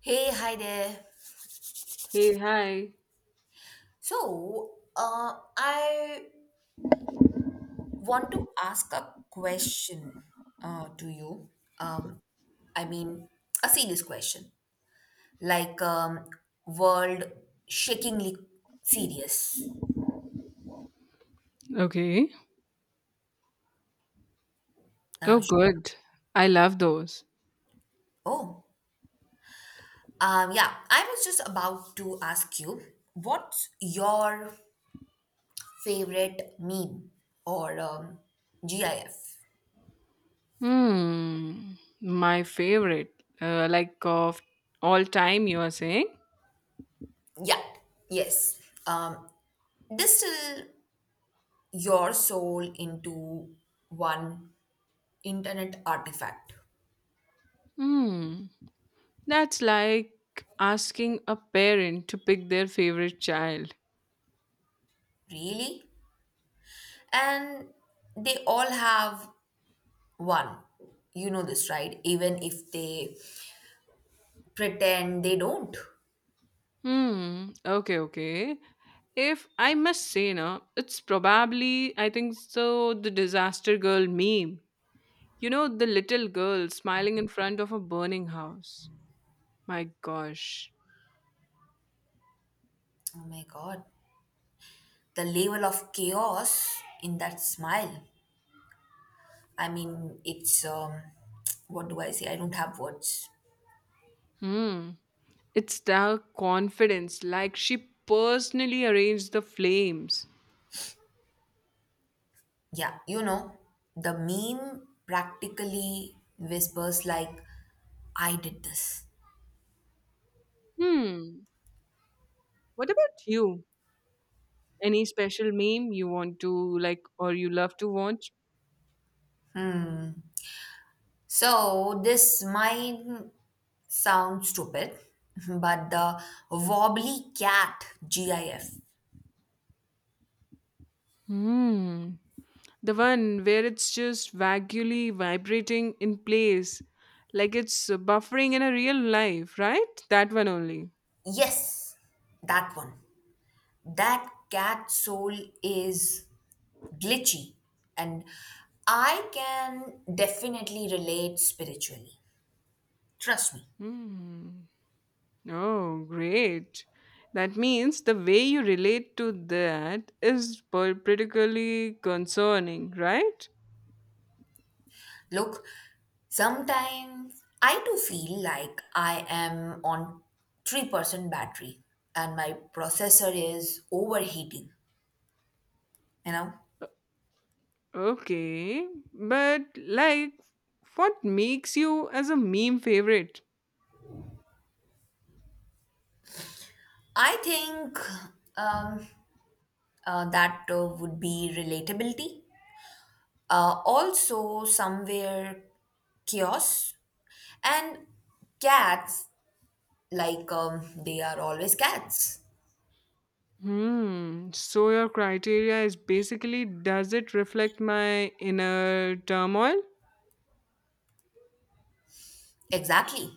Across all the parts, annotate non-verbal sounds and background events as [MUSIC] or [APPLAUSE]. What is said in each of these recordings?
Hey, hi there. Hey, hi. So, I want to ask a question to you. Um, I mean, a serious question, like world shakingly serious. Okay. Oh, Uh, sh- good. I love those. oh, yeah. I was just about to ask you, what's your favorite meme or GIF? Hmm. My favorite. Like of all time, you are saying? Yeah, yes. Um, this still your soul into one internet artifact. Hmm. That's like asking a parent to pick their favorite child. Really? And they all have one. You know this, right? Even if they pretend they don't. Hmm. Okay, okay. If I must say, no, it's probably, I think so, the disaster girl meme. You know, the little girl smiling in front of a burning house. My gosh. Oh my god. The level of chaos in that smile. I mean, it's what do I say? I don't have words. Hmm. It's the confidence, like she personally arranged the flames. Yeah, the meme practically whispers like I did this. Hmm. What about you? Any special meme you want to like or you love to watch? So this might sound stupid, [LAUGHS] but the wobbly cat GIF. Hmm. The one where it's just vaguely vibrating in place, like it's buffering in a real life, right? That one only. Yes, that one. That cat soul is glitchy and I can definitely relate spiritually. Trust me. Hmm. Oh, great. That means the way you relate to that is particularly concerning, right? Look, sometimes I do feel like I am on 3% battery and my processor is overheating, you know? Okay. But, like, what makes you as a meme favorite? I think um, that would be relatability. Also, somewhere chaos and cats, like they are always cats. Hmm. So, your criteria is basically does it reflect my inner turmoil? Exactly.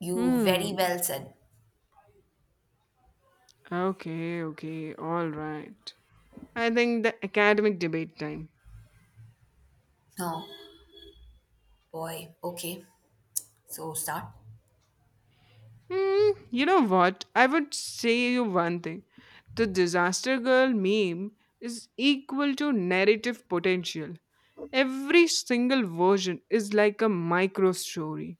You very Hmm. well said. Okay, okay. All right. I think the academic debate time. Oh boy. Okay. So start. You know what? I would say you one thing. The Disaster Girl meme is equal to narrative potential. Every single version is like a micro story.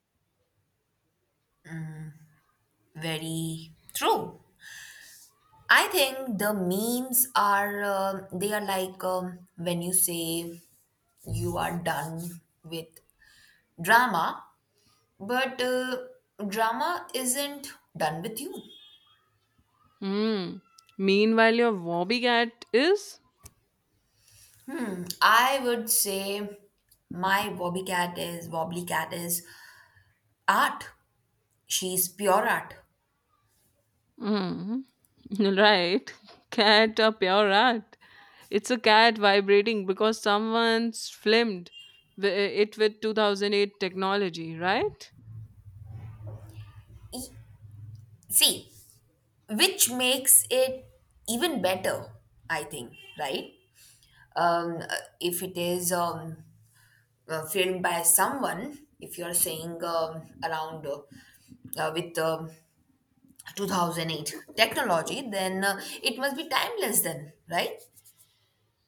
Very true. I think the memes are they are like when you say you are done with drama. But drama isn't done with you. Hmm. Meanwhile, your Wobby cat is? I would say my wobbly cat is art. She's pure art. Hmm. [LAUGHS] Right. Cat up your rat. It's a cat vibrating because someone's filmed wi- it with 2008 technology, right? E- See, which makes it even better, I think, right? Um, uh, if it is filmed by someone, if you're saying around with 2008 technology, then it must be timeless, then, right?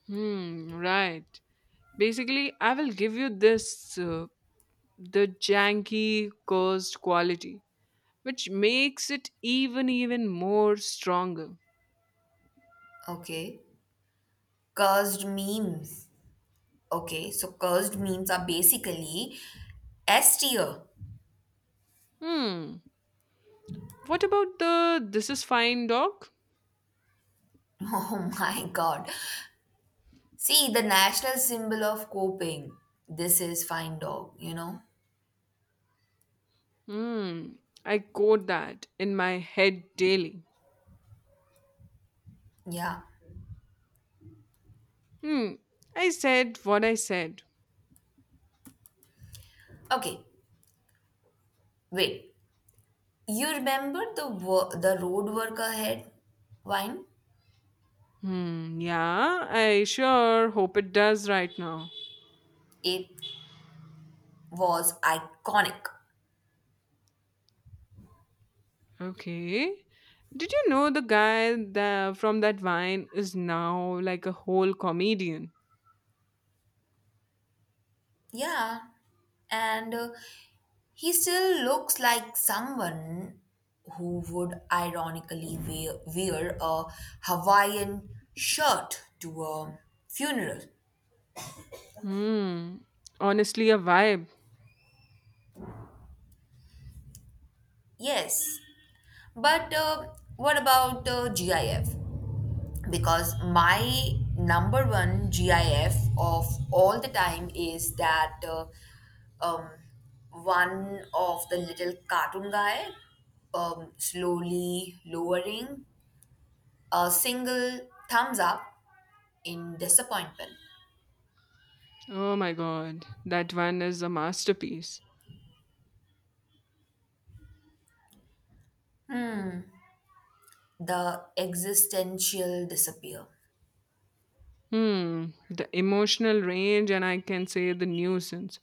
Hmm, right. Basically, I will give you this the janky cursed quality, which makes it even more stronger. Okay. Cursed memes. Okay, so cursed memes are basically S tier. Hmm. What about the this is fine dog? [LAUGHS] Oh my god. See, the national symbol of coping. This is fine dog, you know? Hmm. I quote that in my head daily. Yeah. Hmm. I said what I said. Okay, wait. You remember the road work ahead wine? Hmm. Yeah, I sure hope it does right now. It was iconic. Okay. Did you know the guy that, from that vine is now like a whole comedian? Yeah, and he still looks like someone who would ironically wear a Hawaiian shirt to a funeral. Hmm. Honestly, a vibe. Yes, but what about GIF? Because my number one GIF of all the time is that um, one of the little cartoon guy slowly lowering a single thumbs up in disappointment, Oh my god, that one is a masterpiece. the existential disappear. Hmm. The emotional range, and I can say the nuisance.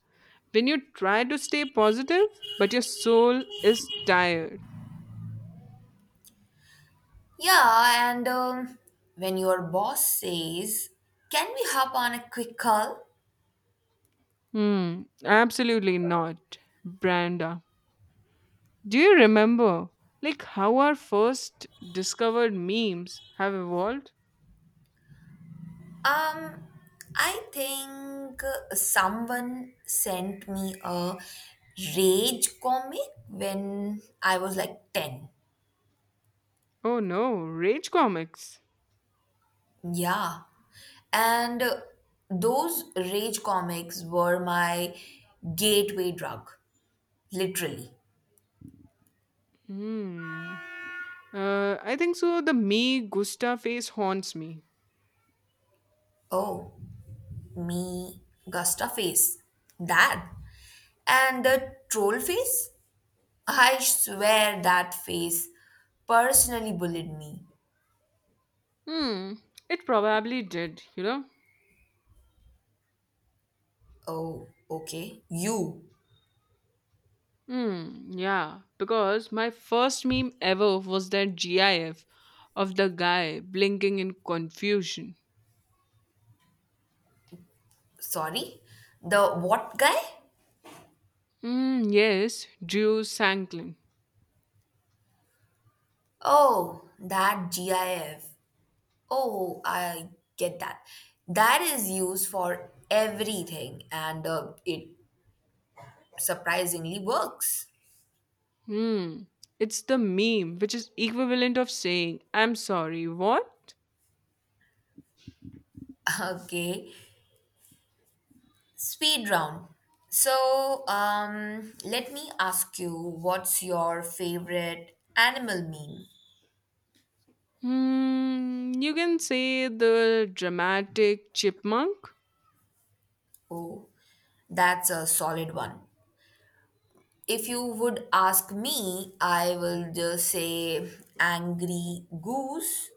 When you try to stay positive, but your soul is tired. Yeah, and when your boss says, Can we hop on a quick call? Hmm. Absolutely not, Branda. Do you remember, like, how our first discovered memes have evolved? Um, I think someone sent me a rage comic when I was like 10. Oh no, Rage Comics. Yeah. And those rage comics were my gateway drug, literally. Hmm. I think so. The me Gusta face haunts me. Oh, me, Gusta face. That. And the troll face? I swear that face personally bullied me. Hmm, it probably did, you know? Oh, okay. You. Yeah, because my first meme ever was that GIF of the guy blinking in confusion. Sorry? The what guy? Yes, Drew Sanklin. Oh, that GIF. Oh, I get that. That is used for everything and it surprisingly works. Hmm, it's the meme which is equivalent of saying, I'm sorry, what? [LAUGHS] Okay. Speed round. So, let me ask you, what's your favorite animal meme? You can say the dramatic chipmunk. Oh, that's a solid one. If you would ask me, I will just say angry goose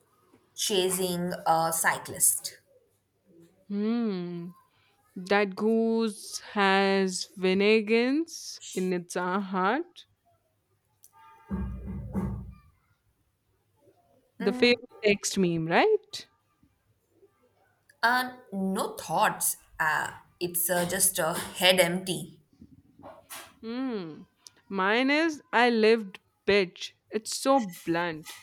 chasing a cyclist. Hmm, that goose has vinegans in its heart. The favorite text meme, right? No thoughts. It's just a head empty. Hmm. Mine is I lived bitch. It's so blunt.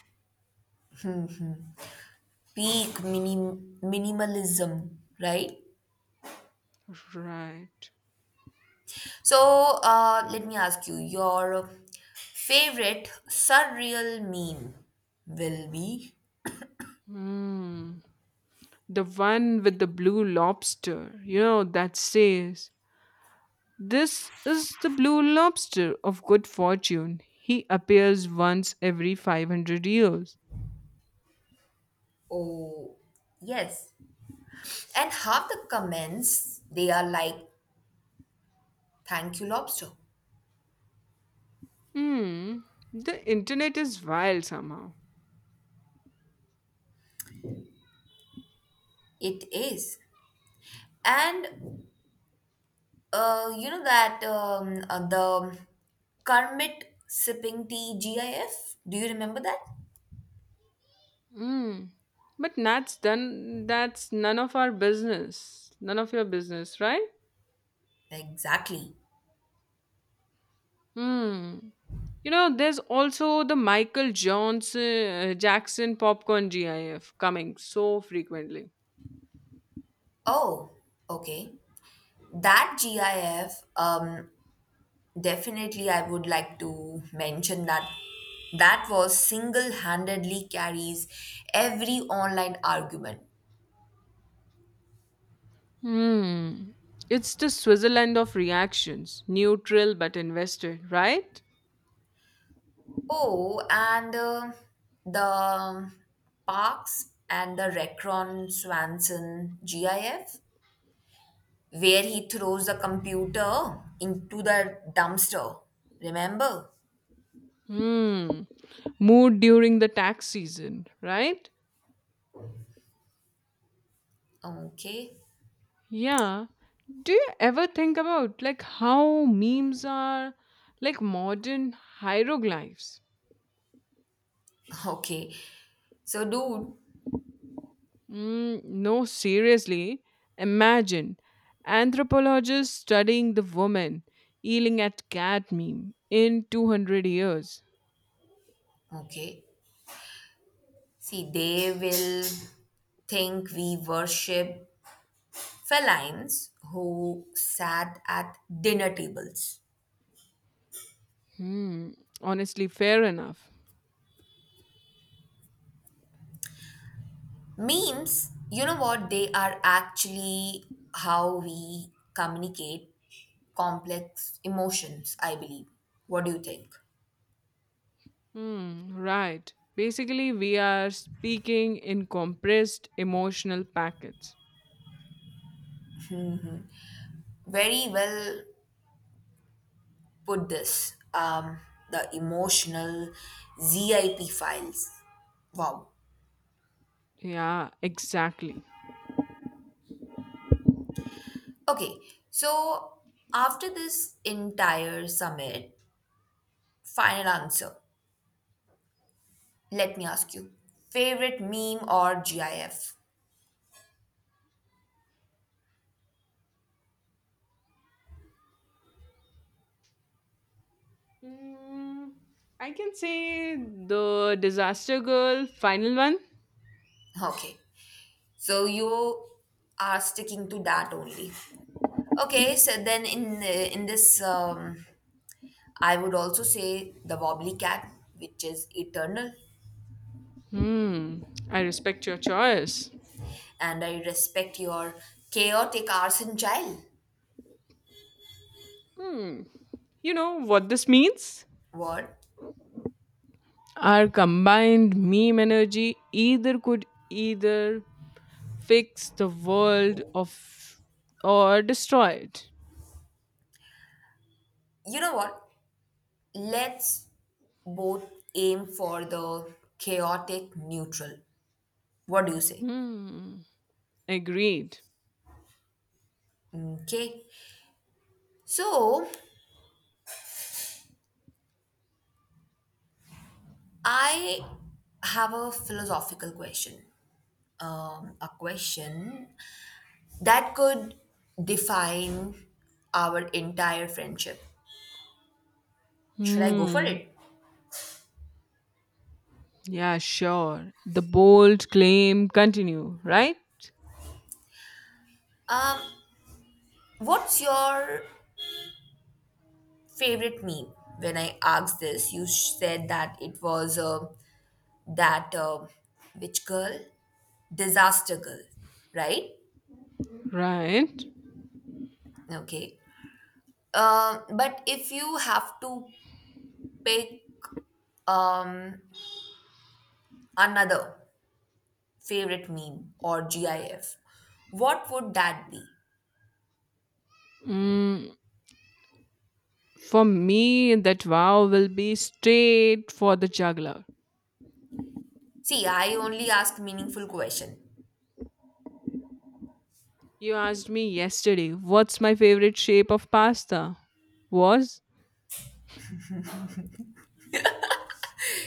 Peak minimalism, right? Right. So let me ask you, your favorite surreal meme will be? Hmm. The one with the blue lobster, you know, that says, this is the blue lobster of good fortune. He appears once every 500 years. Oh, yes. And half the comments, they are like, thank you, lobster. Hmm. The internet is wild somehow. It is. And you know that the Kermit sipping tea GIF? Do you remember that? Hmm. But that's done. That's none of our business. None of your business, right? Exactly. Hmm. You know, there's also the Michael Jackson popcorn GIF coming so frequently. Oh, okay. That GIF, Definitely, I would like to mention that that was single handedly carries every online argument. Hmm. It's the Switzerland of reactions, neutral but invested, right? Oh, and the Parks and the Recron Swanson GIF, where he throws the computer into the dumpster. Remember? Hmm. Mood during the tax season, right? Okay. Yeah. Do you ever think about like how memes are like modern hieroglyphs? [LAUGHS] Okay. So, dude, No, seriously. Imagine anthropologists studying the woman yelling at cat meme in 200 years. okay. See, they will think we worship felines who sat at dinner tables. Hmm, Honestly, fair enough. Memes, you know what, they are actually how we communicate complex emotions, I believe. What do you think? Hmm, right. Basically, we are speaking in compressed emotional packets. Very well put this. The emotional ZIP files. Wow. Yeah, exactly. Okay, so after this entire summit, final answer. Let me ask you favorite meme or GIF? Mm, I can say the Disaster Girl final one. Okay. So you are sticking to that only. Okay, so then in this I would also say the wobbly cat which is eternal Hmm, I respect your choice. and I respect your chaotic arson child. Hmm. You know what this means? What? Our combined meme energy either could either fix the world of or destroy it. You know what? Let's both aim for the chaotic neutral. What do you say? Hmm. Agreed. Okay. So I have a philosophical question. A question that could define our entire friendship. Should I go for Hmm. it? Yeah, sure. The bold claim continue, right? Um, what's your favorite meme? When I asked this, you said that it was that which girl? Disaster girl, right? Right. Okay. But if you have to pick um, another favorite meme or GIF, what would that be? Mm, for me, that vow will be straight for the juggler. See, I only ask meaningful question. You asked me yesterday, what's my favorite shape of pasta? Was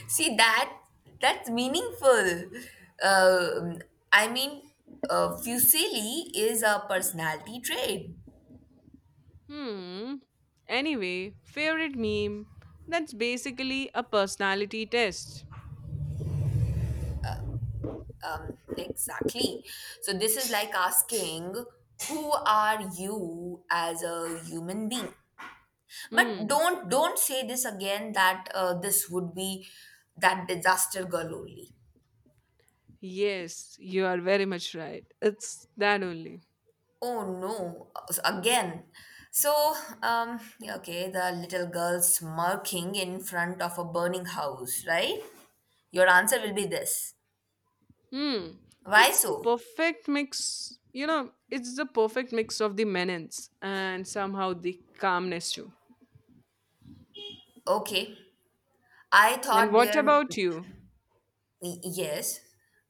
See that that's meaningful. Um I mean, Fuseli is a personality trait. Hmm. Anyway, favorite meme. That's basically a personality test. Exactly. So this is like asking, who are you as a human being? But Hmm. don't say this again. That this would be that disaster girl only. Yes, you are very much right. It's that only. Oh no, again. So, yeah, okay, the little girl smirking in front of a burning house, right? Your answer will be this. Hmm. Why It's the so? perfect mix. You know, it's the perfect mix of the menace and somehow the calmness too. Okay. I And thought what there, about you? Yes,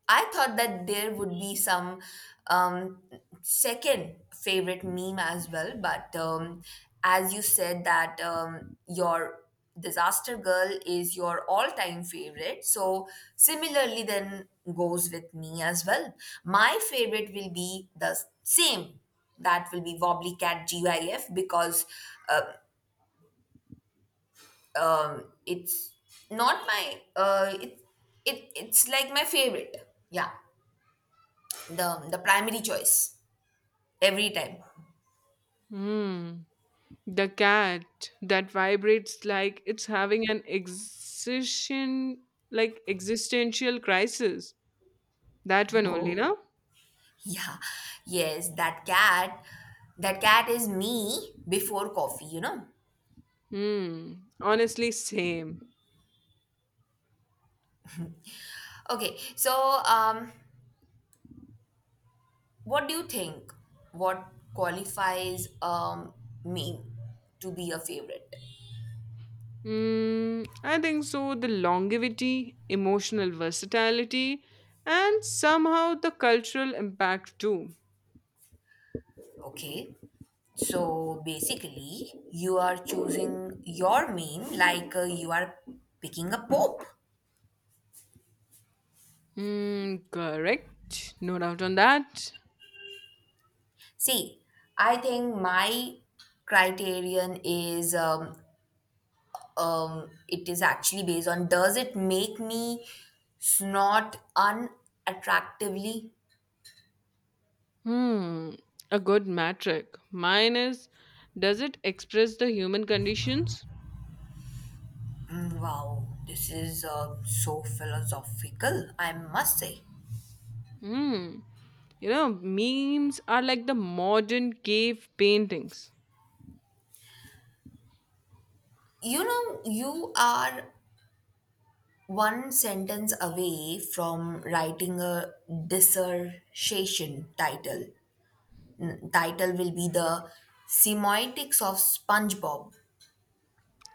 I thought that there would be some um, second favorite meme as well. But as you said that your disaster girl is your all-time favorite, so similarly then goes with me as well. My favorite will be the same. That will be Wobbly Cat GIF because uh, it's not my it, it's like my favorite, yeah, the primary choice every time. Hmm. The cat that vibrates like it's having an existential crisis. That [LAUGHS] one only, Oh, no? yeah, yes, that cat is me before coffee, you know? Hmm. Honestly, same. Okay, so, what do you think? What qualifies me to be a favorite? Hmm. I think so. The longevity, emotional versatility, and somehow the cultural impact too. Okay. So basically, you are choosing your meme like you are picking a pope. Hmm. Correct. No doubt on that. See, I think my criterion is it is actually based on does it make me snort unattractively? Hmm. A good metric. Mine is does it express the human conditions? Mm, wow, this is so philosophical, I must say. Hmm. You know, memes are like the modern cave paintings. You are one sentence away from writing a dissertation title. Title will be the semiotics of SpongeBob.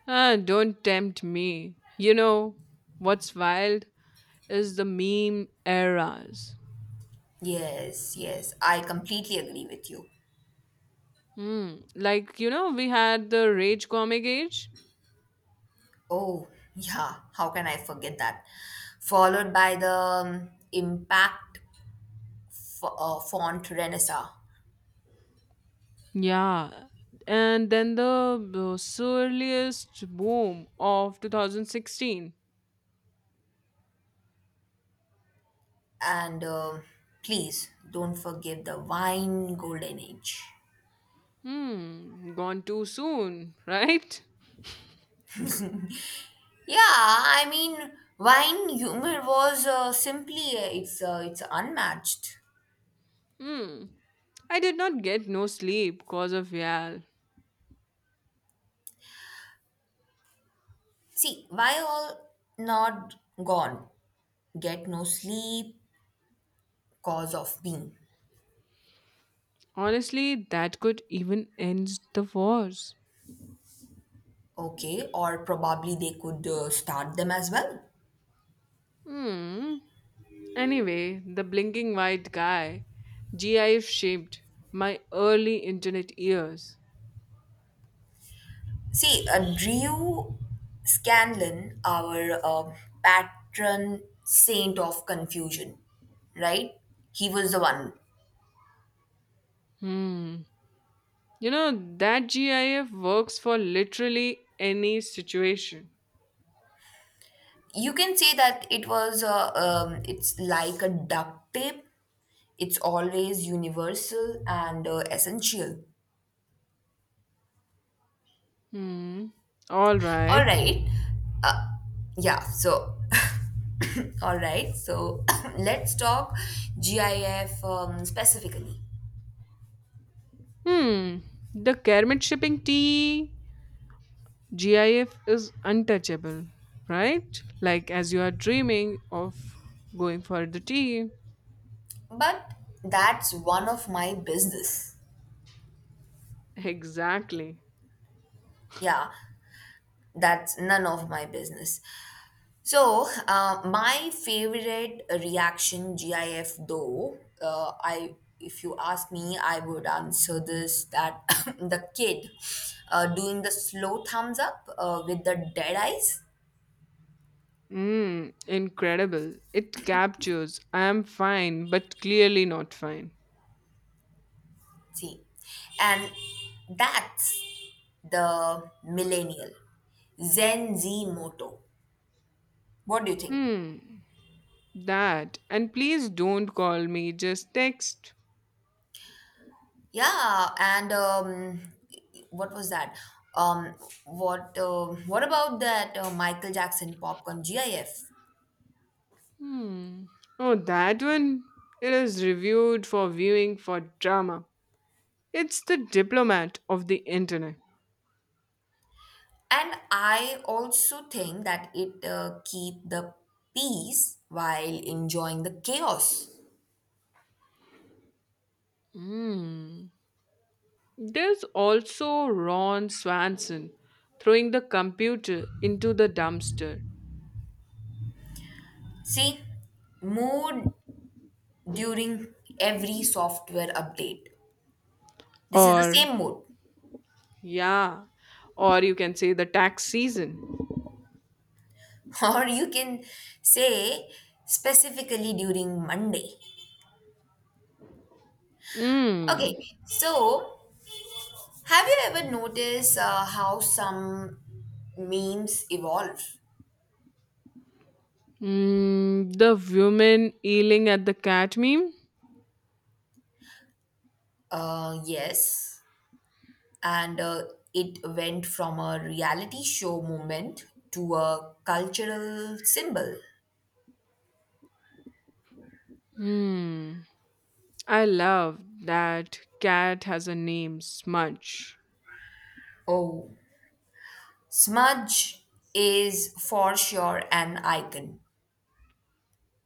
Ah, don't tempt me. You know, what's wild is the meme eras. Yes, yes, I completely agree with you. Hmm. Like, you know, we had the rage comic age. Oh, yeah, how can I forget that? Followed by the impact font Renaissance. Yeah. And then the surliest boom of 2016. And please don't forget the wine golden age. Hmm. Gone too soon, [LAUGHS] right? Yeah, I mean, wine humor was simply it's unmatched. Hmm. I did not get no sleep cause of Yal. See, why all not gone? Get no sleep cause of being Honestly, that could even end the wars. okay, or probably they could start them as well. Hmm. Anyway, the blinking white guy, GIF shaped my early internet years. See, Drew Scanlon, our patron saint of confusion, right? He was the one. Hmm. You know, that GIF works for literally any situation. You can say that it was it's like a duct tape. It's always universal and essential. Hmm. All right. All right. Uh, yeah, so, [LAUGHS] [COUGHS] all right. So, [COUGHS] let's talk GIF specifically. Hmm. The Kermit shipping tea GIF is untouchable, right? Like as you are dreaming of going for the tea. But that's one of my business. Exactly. Yeah, that's none of my business. So, my favorite reaction GIF though, I if you ask me, I would answer this that [LAUGHS] [COUGHS] the kid doing the slow thumbs up with the dead eyes. Incredible. It captures I am fine, but clearly not fine. See, and that's the millennial Zen Z motto. What do you think? Hmm, that. And please don't call me, just text. Yeah, and what was that? Um, what about that Michael Jackson popcorn GIF? Hmm. Oh, that one? It is reviewed for viewing for drama. It's the diplomat of the internet. And I also think that it keep the peace while enjoying the chaos. Hmm. There's also Ron Swanson throwing the computer into the dumpster. See, mood during every software update. This is the Or, same mood. yeah, or you can say the tax season. [LAUGHS] Or you can say specifically during Monday. Okay, Mm. so have you ever noticed how some memes evolve? The woman yelling at the cat meme? Yes. And it went from a reality show moment to a cultural symbol. Hmm. I love that cat has a name, Smudge. Oh, Smudge is for sure an icon.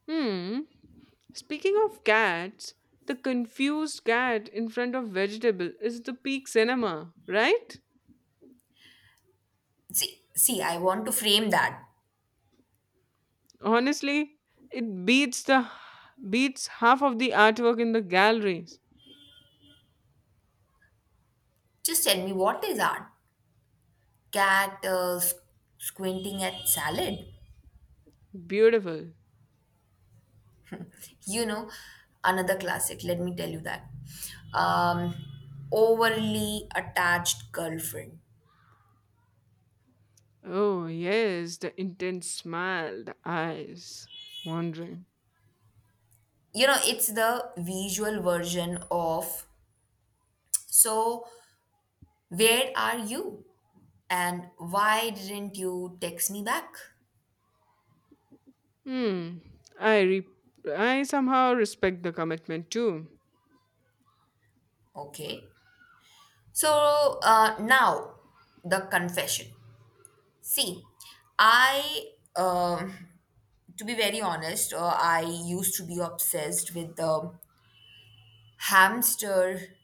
Hmm. Speaking of cats, the confused cat in front of vegetable is the peak cinema, right? See, see, I want to frame that. Honestly, it beats half of the artwork in the galleries. Just tell me what is art? Cat squinting at salad. Beautiful. You know, another classic. Let me tell you that. Um, overly attached girlfriend. Oh yes, the intense smile, the eyes wandering. It's the visual version of so, Where are you? And why didn't you text me back? Hmm. I re- I somehow respect the commitment too. Okay. So now the confession. See, I, um to be very honest, I used to be obsessed with the hamster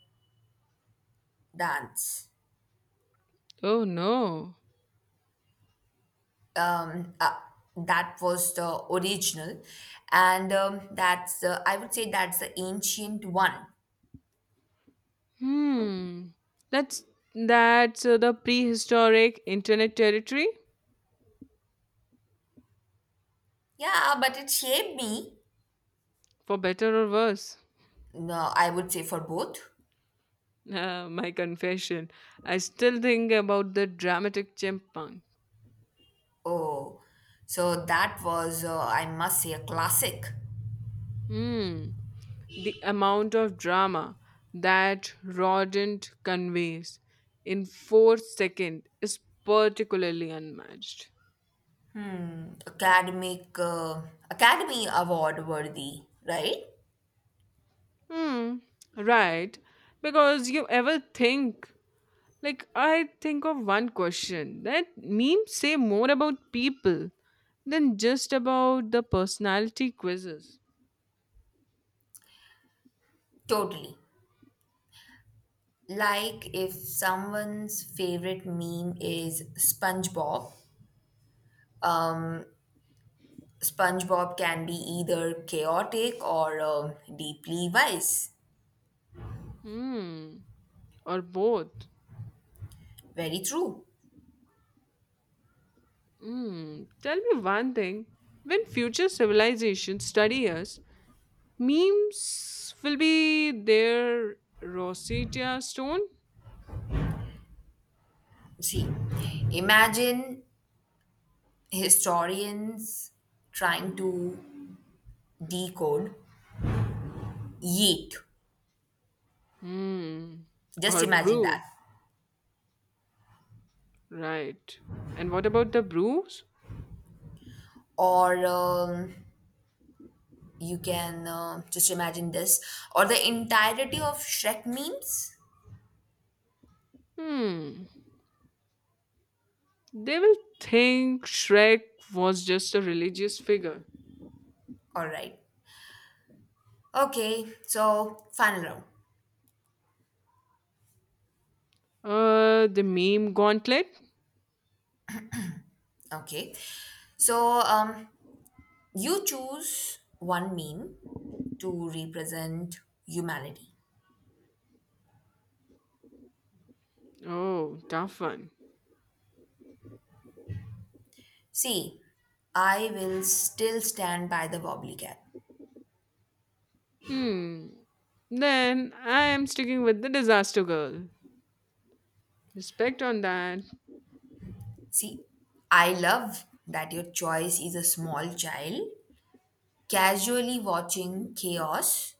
dance. Oh no. Um, uh, that was the original, and that's the, I would say that's the ancient one. Hmm. That's that's The prehistoric internet territory Yeah, but it shaped me. for better or worse. [LAUGHS] No, I would say for both. My confession. I still think about the dramatic chimpanzee. Oh, so that was, I must say, a classic. Hmm. The amount of drama that rodent conveys in 4 seconds is particularly unmatched. Academic, uh, Academy Award worthy, right? Hmm, right. Because you ever think, like, I think of one question that memes say more about people than just about the personality quizzes. Totally. Like if someone's favorite meme is SpongeBob, SpongeBob can be either chaotic or deeply wise. Hmm, or both. Very true. Tell me one thing. When future civilizations study us, memes will be their Rosetta stone? See, imagine historians trying to decode yeet. Hmm, Just or imagine that. brew, right. And what about the brews? Or, you can just imagine this or the entirety of Shrek memes. Hmm. They will think Shrek was just a religious figure. All right. Okay. So final round. The meme gauntlet? Okay. So you choose one meme to represent humanity. Oh, tough one. See, I will still stand by the wobbly cat. Hmm. Then I am sticking with the disaster girl. Respect on that. See, I love that your choice is a small child casually watching chaos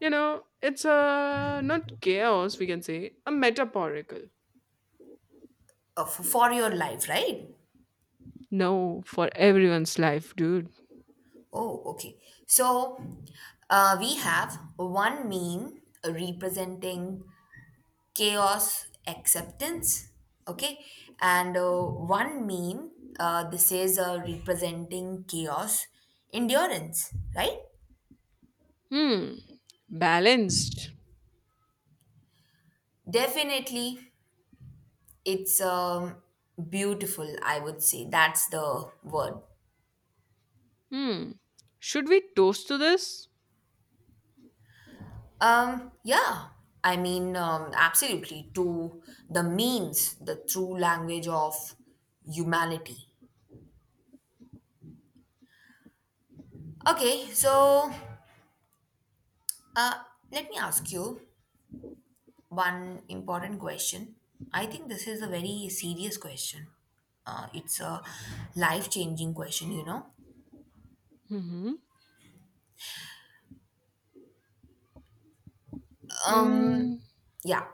You know, it's a not chaos, we can say, a metaphorical. For your life, right? No, for everyone's life, dude. Oh, okay. So we have one meme representing chaos acceptance, okay, and one meme this is representing chaos endurance, right? Hmm. Balanced. Definitely, it's beautiful. I would say that's the word. Hmm. Should we toast to this? Yeah. I mean, absolutely. To the means, the true language of humanity. Okay, so uh, let me ask you one important question. I think this is a very serious question. It's a life-changing question, you know. Mm-hmm. Um, Hmm. yeah.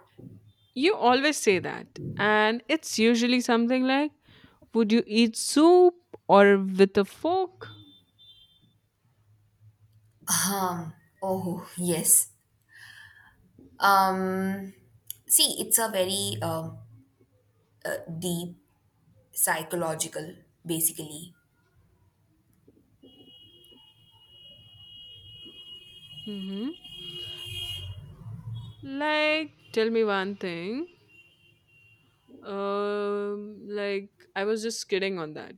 You always say that. And it's usually something like, would you eat soup or with a fork? Oh, yes. Um, see, it's a very deep psychological, basically. hmm Like, tell me one thing. Like, I was just kidding on that.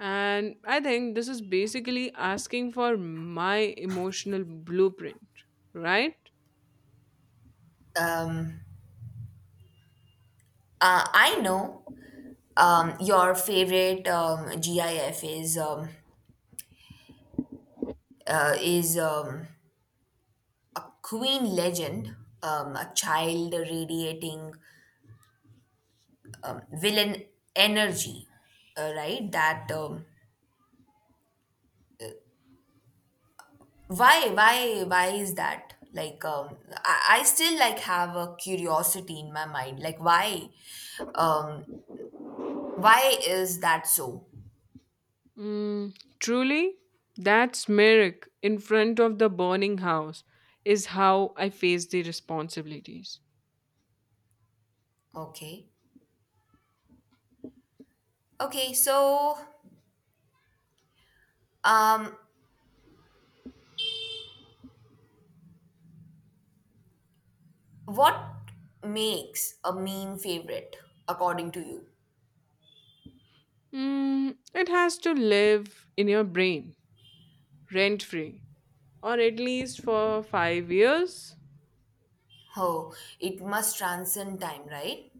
And I think this is basically asking for my emotional blueprint, right? Um, I know your favorite GIF is uh, is um, Queen legend, a child radiating villain energy, right? That why is that? Like I still like have a curiosity in my mind. Like um, why is that so? Truly, that smirk in front of the burning house is how I face the responsibilities. Okay, okay. So um, what makes a meme favorite according to you? It has to live in your brain, rent free, or at least for 5 years. Oh, it must transcend time, right?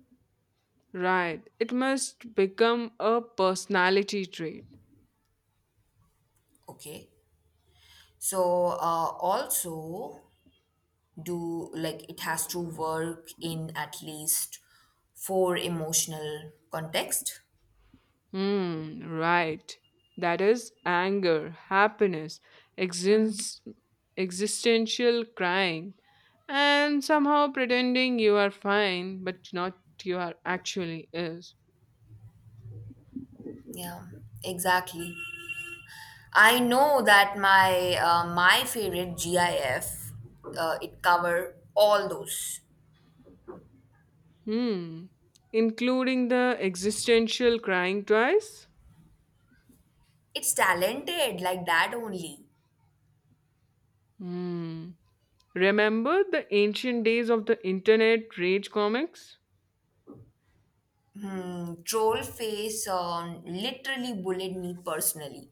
Right. It must become a personality trait. Okay. So, also, do like it has to work in at least four emotional context. Hmm. Right. That is anger, happiness, exist- existential crying, and somehow pretending you are fine, but not you are actually is. Yeah, exactly. I know that my favorite GIF it cover all those. Hmm. Including the existential crying twice. It's talented like that only. Hmm. Remember the ancient days of the internet rage comics? Mm, Troll face literally bullied me personally.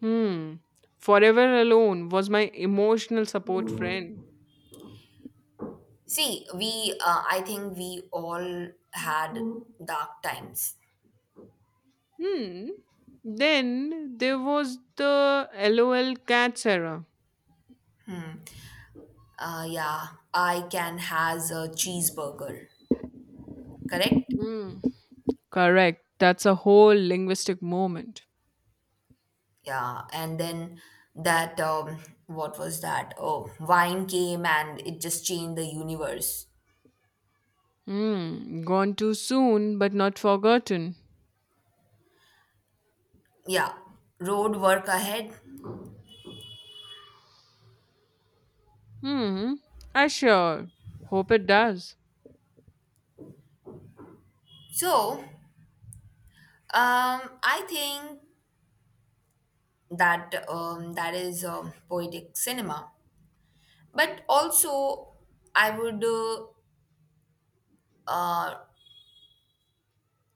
Hmm. Forever Alone was my emotional support friend. See, we I think we all had dark times. Hmm. Then there was the LOL Cats era. Yeah, I can has a cheeseburger, correct? Hmm. Correct. That's a whole linguistic moment. Yeah, and then that what was that? Oh, wine came and it just changed the universe. Hmm. Gone too soon, but not forgotten. Yeah, road work ahead. Hmm. I sure hope it does. So, I think that that is poetic cinema, but also I would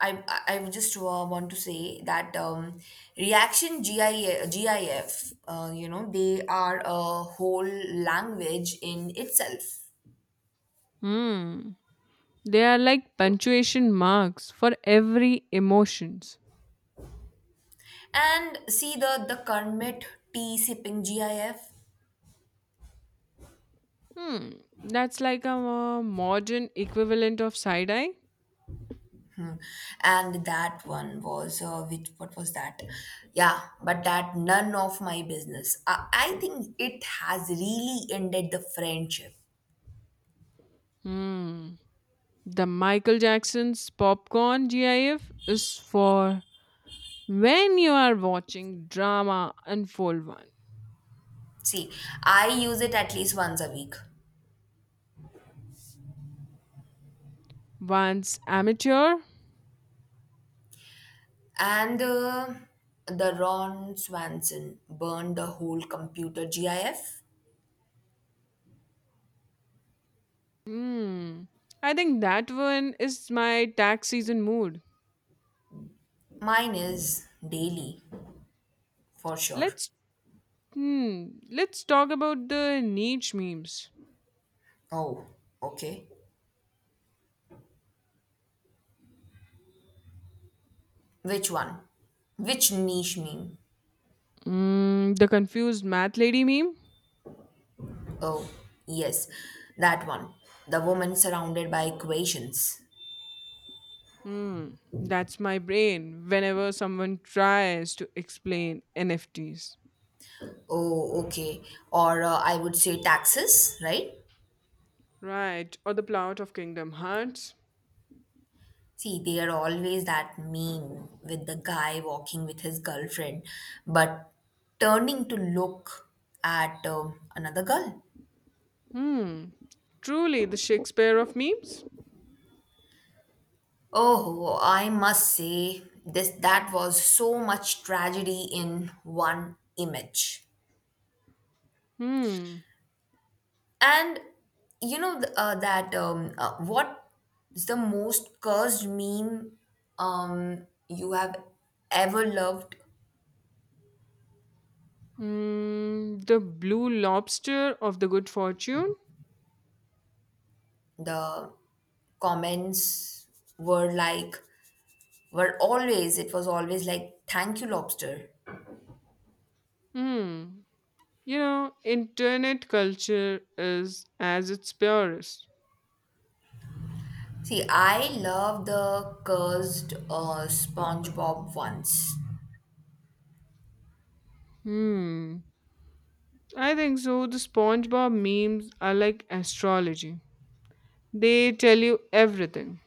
I just wa- want to say that reaction GIF, they are a whole language in itself. Hmm. They are like punctuation marks for every emotions. And see the Kermit tea sipping GIF, Hmm, that's like a modern equivalent of side eye. and that one was which what was that? Yeah, but that none of my business. I think it has really ended the friendship. Hmm, the Michael Jackson's popcorn GIF is for when you are watching drama unfold one. See, I use it at least once a week. Once amateur. And the Ron Swanson burned the whole computer GIF? Hmm, I think that one is my tax season mood. Mine is daily, for sure. Let's let's talk about the niche memes. Oh, okay. Which one? Which niche meme? The confused math lady meme? Oh, yes, that one. The woman surrounded by equations. Hmm, that's my brain whenever someone tries to explain NFTs. Oh, okay. Or I would say taxes, right? Right, or the plot of Kingdom Hearts? See, they are always that meme with the guy walking with his girlfriend, but turning to look at another girl. Hmm, Truly the Shakespeare of memes? Oh, I must say, this that was so much tragedy in one image. Hmm, And you know th- that what is the most cursed meme you have ever loved? The blue lobster of the good fortune? The comments were like, were always, it was always like, thank you, lobster. Hmm, Internet culture is as its purest. See, I love the cursed SpongeBob ones. Hmm, I think so. The SpongeBob memes are like astrology. They tell you everything.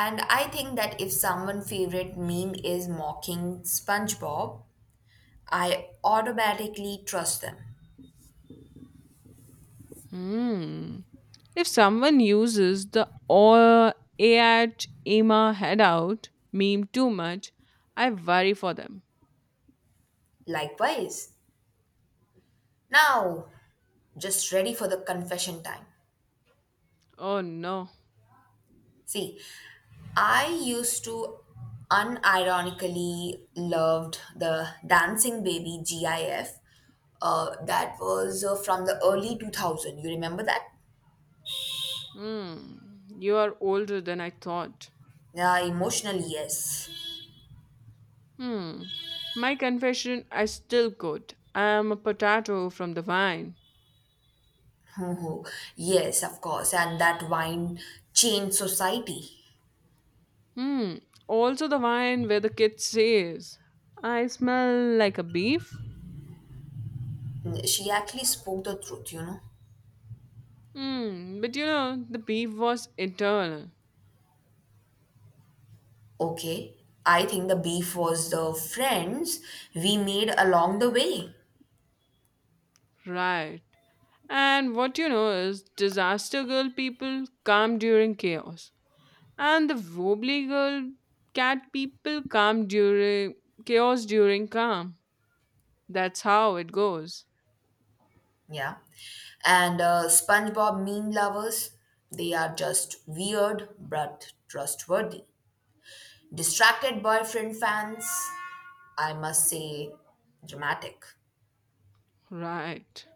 And I think that if someone favorite meme is mocking SpongeBob, I automatically trust them. Hmm. If someone uses the or at Emma head out meme too much, I worry for them. Likewise. Now just ready for the confession time. Oh no. See, I used to unironically loved the Dancing Baby GIF. That was from the early 2000. You remember that? Hmm. You are older than I thought. Yeah, emotionally, yes. [LAUGHS] Hmm. My confession I still could. I am a potato from the vine. Oh, yes, of course. And that wine changed society. Hmm. Also the vine where the kid says I smell like a beef. She actually spoke the truth. Hmm. But you know, the beef was eternal. Okay, I think the beef was the friends we made along the way. Right. And what you know is disaster girl people calm during chaos. And the wobbly girl cat people calm during chaos during calm. That's how it goes. Yeah. And SpongeBob meme lovers, they are just weird but trustworthy. Distracted boyfriend fans, I must say, dramatic. Right.